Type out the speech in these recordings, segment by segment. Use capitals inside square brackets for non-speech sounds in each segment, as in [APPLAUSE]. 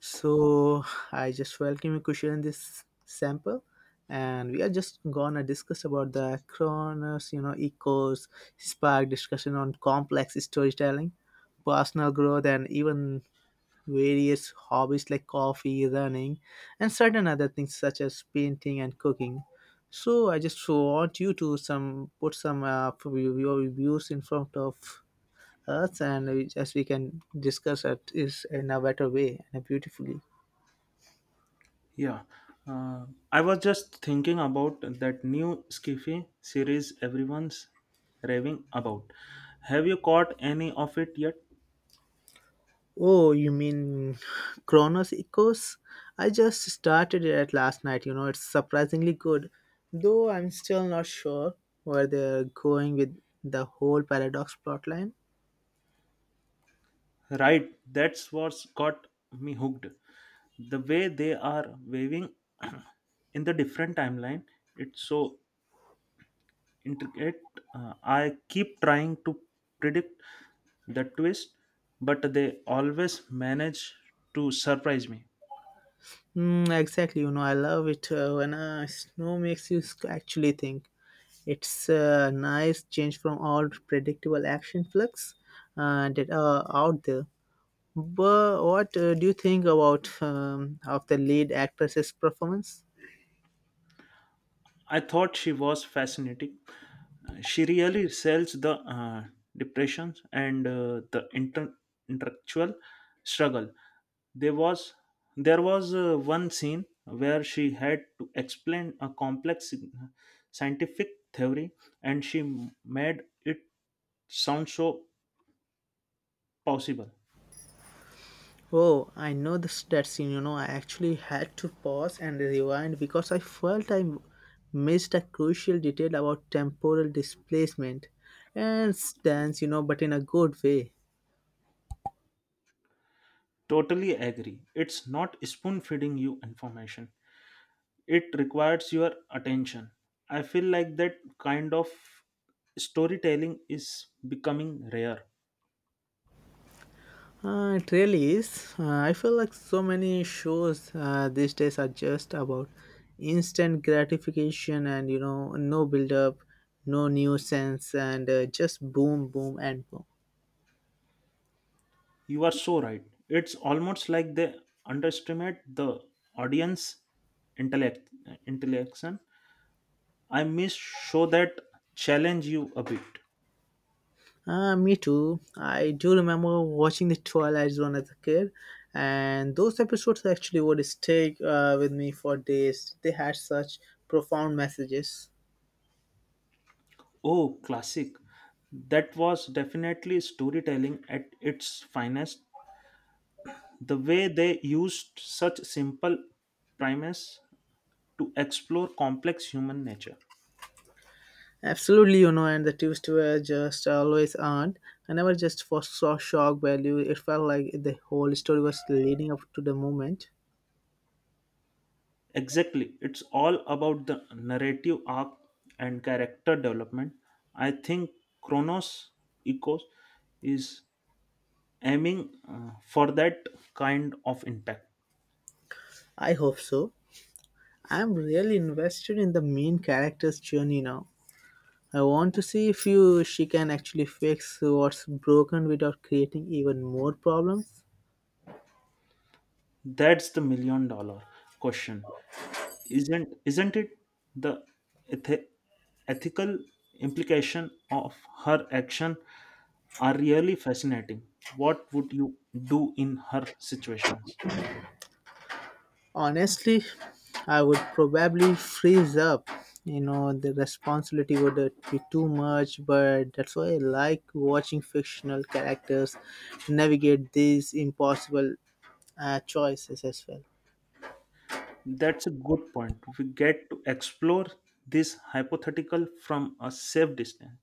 So I just welcome you, Kushal, in this sample, and we are just gonna discuss about the Kronos, you know, echoes, spark discussion on complex storytelling, personal growth, and even various hobbies like coffee, running, and certain other things such as painting and cooking. So I just want you to some put some of your views in front of us, and we- as we can discuss it is in a better way and beautifully. Yeah, uh, I was just thinking about that new Skiffy series everyone's raving about. Have you caught any of it yet? Oh, you mean Chronos Echoes? I just started it last night. You know, it's surprisingly good, though I'm still not sure where they're going with the whole paradox plotline. Right, that's what's got me hooked. The way they are waving [CLEARS THROAT] in the different timeline, it's so intricate. I keep trying to predict the twist, but they always manage to surprise me. Mm, exactly. You know, I love it when snow makes you sc- actually think. It's a nice change from all predictable action flicks that are out there. But what do you think about of the lead actress's performance? I thought she was fascinating. She really sells the depressions and intellectual struggle. There was there was one scene where she had to explain a complex scientific theory, and she made it sound so possible. Oh, I know this, that scene. You know, I actually had to pause and rewind because I felt I missed a crucial detail about temporal displacement and stance, you know, but in a good way. Totally agree. It's not spoon feeding you information. It requires your attention. I feel like that kind of storytelling is becoming rare. It really is. I feel like so many shows these days are just about instant gratification and, you know, no build up, no nuisance, and just boom, boom, and boom. You are so right. It's almost like they underestimate the audience intellect intellection. I miss show that challenge you a bit. Me too. I do remember watching the Twilight Zone as a kid, and those episodes actually would stay with me for days. They had such profound messages. Oh, classic. That was definitely storytelling at its finest. The way they used such simple premise to explore complex human nature. Absolutely, you know, and the twists were just always earned. I never just for saw shock value. It felt like the whole story was leading up to the moment. Exactly. It's all about the narrative arc and character development. I think Chronos Echoes is aiming for that kind of impact. I hope so. I'm really invested in the main character's journey now. I want to see if you she can actually fix what's broken without creating even more problems. That's the million dollar question. Isn't it the eth- ethical implication of her action are really fascinating. What would you do in her situations? Honestly, I would probably freeze up. You know, the responsibility would be too much, but that's why I like watching fictional characters navigate these impossible choices as well. That's a good point. We get to explore this hypothetical from a safe distance.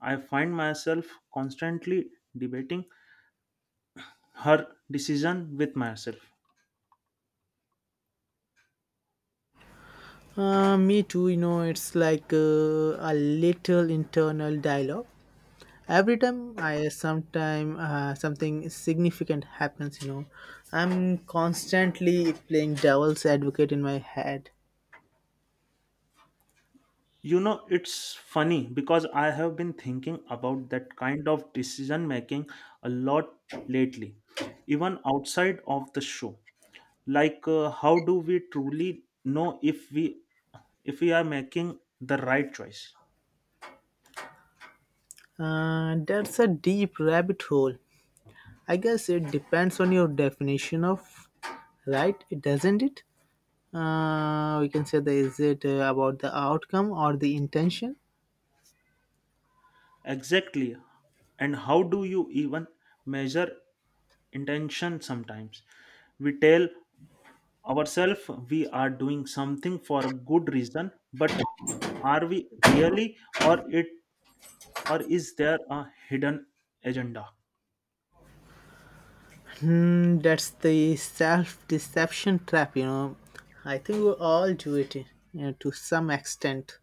I find myself constantly debating her decision with myself. Me too, you know, it's like a little internal dialogue every time I sometime something significant happens, you know, I'm constantly playing devil's advocate in my head. You know, it's funny because I have been thinking about that kind of decision making a lot lately, even outside of the show. Like, how do we truly know if we are making the right choice? That's a deep rabbit hole. I guess it depends on your definition of right, it doesn't it. We can say, that is it about the outcome or the intention? Exactly. And how do you even measure intention sometimes? We tell ourselves we are doing something for a good reason, but are we really or it or is there a hidden agenda? Hmm, that's the self-deception trap, you know. I think we all do it, you know, to some extent.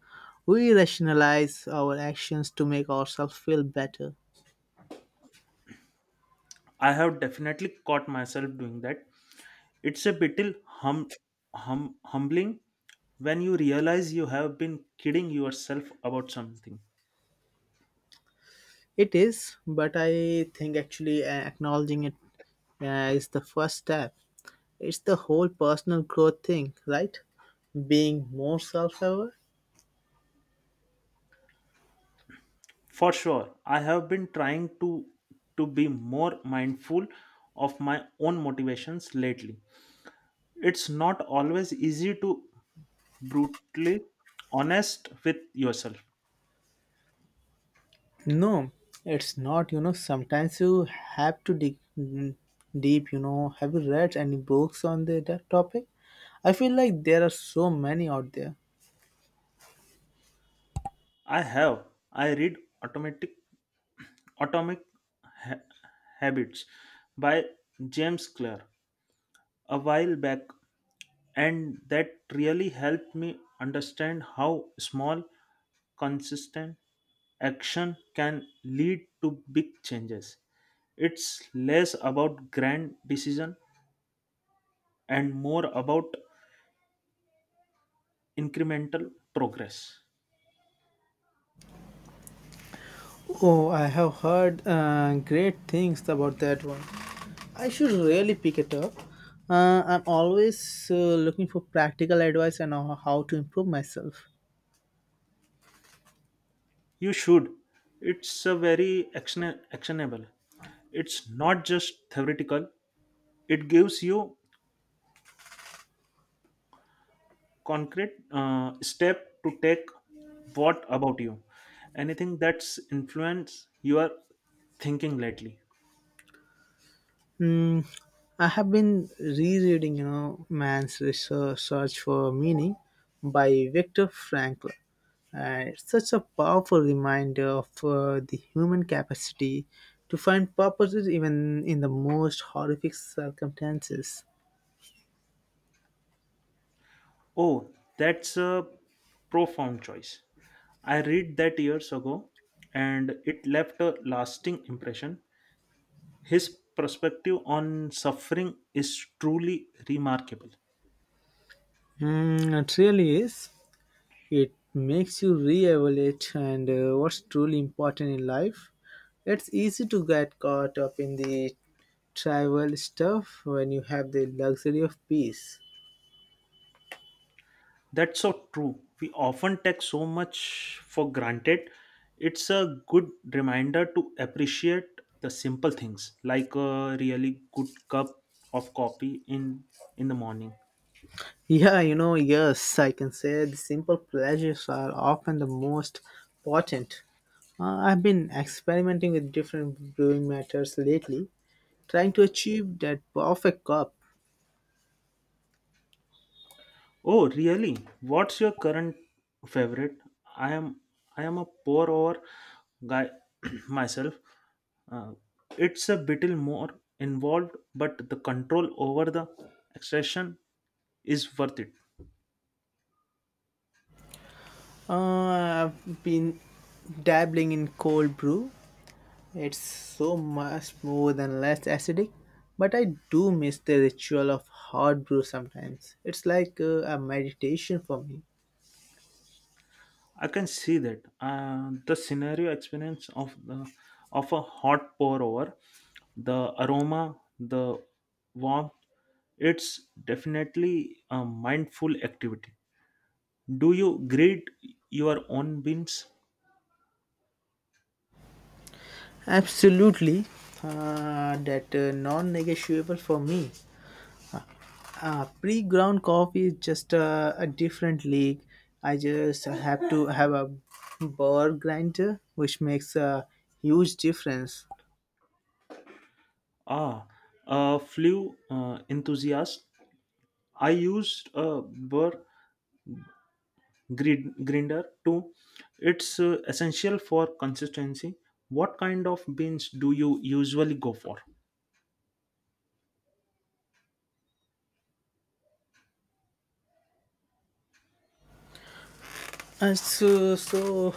We rationalize our actions to make ourselves feel better. I have definitely caught myself doing that. It's a bit hum, humbling when you realize you have been kidding yourself about something. It is, but I think actually acknowledging it is the first step. It's the whole personal growth thing, right? Being more self-aware. For sure, I have been trying to be more mindful of my own motivations lately. It's not always easy to brutally honest with yourself. No, it's not. You know, sometimes you have to dig deep. You know, have you read any books on the, that topic? I feel like there are so many out there. I have I read automatic atomic Ha- habits by James Clear a while back, and that really helped me understand how small, consistent action can lead to big changes. It's less about grand decision and more about incremental progress. Oh, I have heard great things about that one. I should really pick it up. I'm always looking for practical advice and how to improve myself. You should. It's a very actionable. It's not just theoretical. It gives you concrete step to take. What about you? Anything that's influenced your thinking lately? Hmm, I have been rereading, you know, Man's Research Search for Meaning by Viktor Frankl. It's such a powerful reminder of the human capacity to find purposes even in the most horrific circumstances. Oh, that's a profound choice. I read that years ago, and it left a lasting impression. His perspective on suffering is truly remarkable. Mm, it really is. It makes you re-evaluate and what's truly important in life. It's easy to get caught up in the trivial stuff when you have the luxury of peace. That's so true. We often take so much for granted. It's a good reminder to appreciate the simple things, like a really good cup of coffee in the morning. Yeah, you know, yes, I can say the simple pleasures are often the most potent. I've been experimenting with different brewing methods lately, trying to achieve that perfect cup. Oh, really? What's your current favorite? I am I am a pour over guy [CLEARS THROAT] myself. Uh, it's a little more involved, but the control over the extraction is worth it. Uh, I've been dabbling in cold brew. It's so much more than less acidic, but I do miss the ritual of hot brew sometimes. It's like a meditation for me. I can see that the scenario experience of the of a hot pour over, the aroma, the warmth. It's definitely a mindful activity. Do you grade your own beans? Absolutely, that non-negotiable for me. Pre-ground coffee is just a different league. I just have to have a bar grinder, which makes a huge difference. Ah, a flew enthusiast. I used a burr grinder too. It's essential for consistency. What kind of beans do you usually go for? So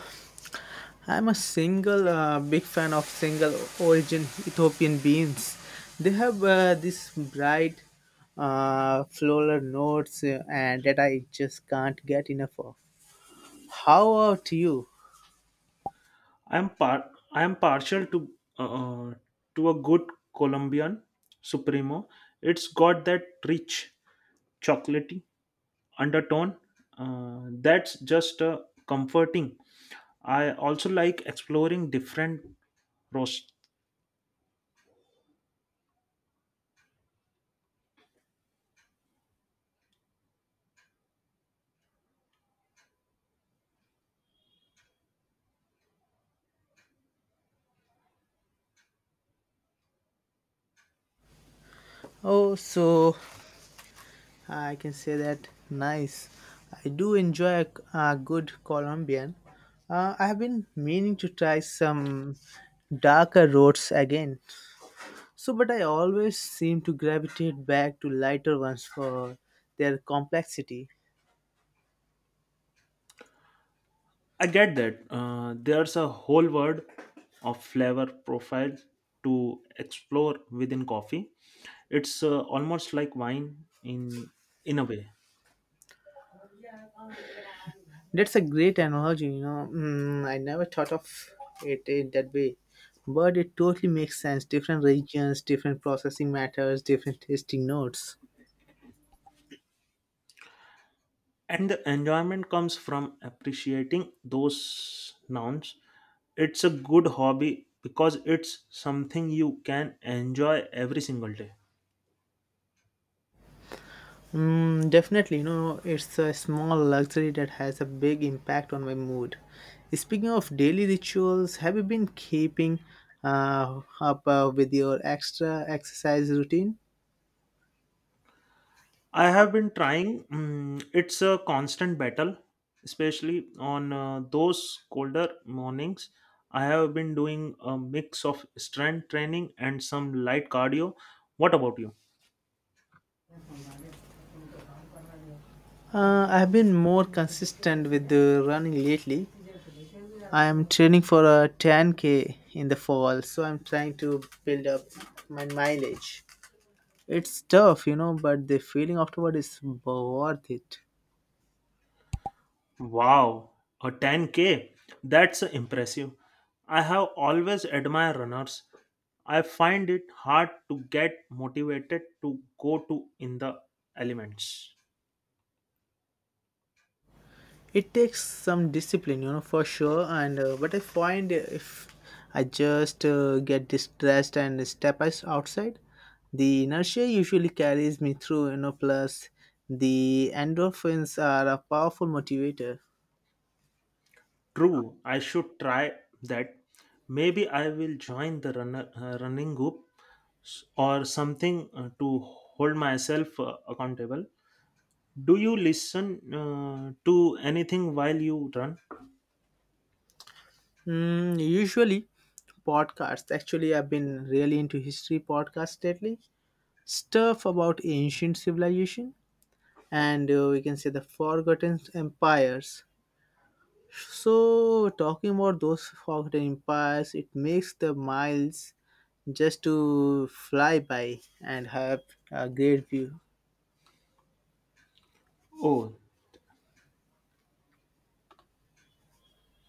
I'm a single big fan of single origin Ethiopian beans. They have this bright floral notes and that I just can't get enough of. How about you? I'm partial uh, uh, to a good Colombian Supremo. It's got that rich chocolatey undertone that's just comforting. I also like exploring different roasts. Oh, so I can say that nice. I do enjoy a good Colombian. I have been meaning to try some darker roads again. So, but I always seem to gravitate back to lighter ones for their complexity. I get that there's a whole world of flavor profile to explore within coffee. It's almost like wine in a way. That's a great analogy, you know. Mm, I never thought of it in that way, but it totally makes sense. Different regions, different processing methods, different tasting notes. And the enjoyment comes from appreciating those nouns. It's a good hobby because it's something you can enjoy every single day. Mm, definitely, you know, it's a small luxury that has a big impact on my mood. Speaking of daily rituals, have you been keeping up with your extra exercise routine? I have been trying. It's a constant battle, especially on those colder mornings. I have been doing a mix of strength training and some light cardio. What about you? I've been more consistent with the running lately. I am training for a 10k in the fall, so I'm trying to build up my mileage. It's tough, you know, but the feeling afterward is worth it. Wow, a 10K. That's impressive. I have always admired runners. I find it hard to get motivated to go to in the elements. It takes some discipline, you know, for sure, and but I find if I just get distressed and step us outside, the inertia usually carries me through, you know, plus the endorphins are a powerful motivator. True, I should try that. Maybe I will join the running group or something to hold myself accountable. Do you listen to anything while you run? Mm, usually podcasts actually. I've been really into history podcasts lately, stuff about ancient civilization and we can say the forgotten empires. So, talking about those forgotten empires, it makes the miles just to fly by and have a great view. Oh,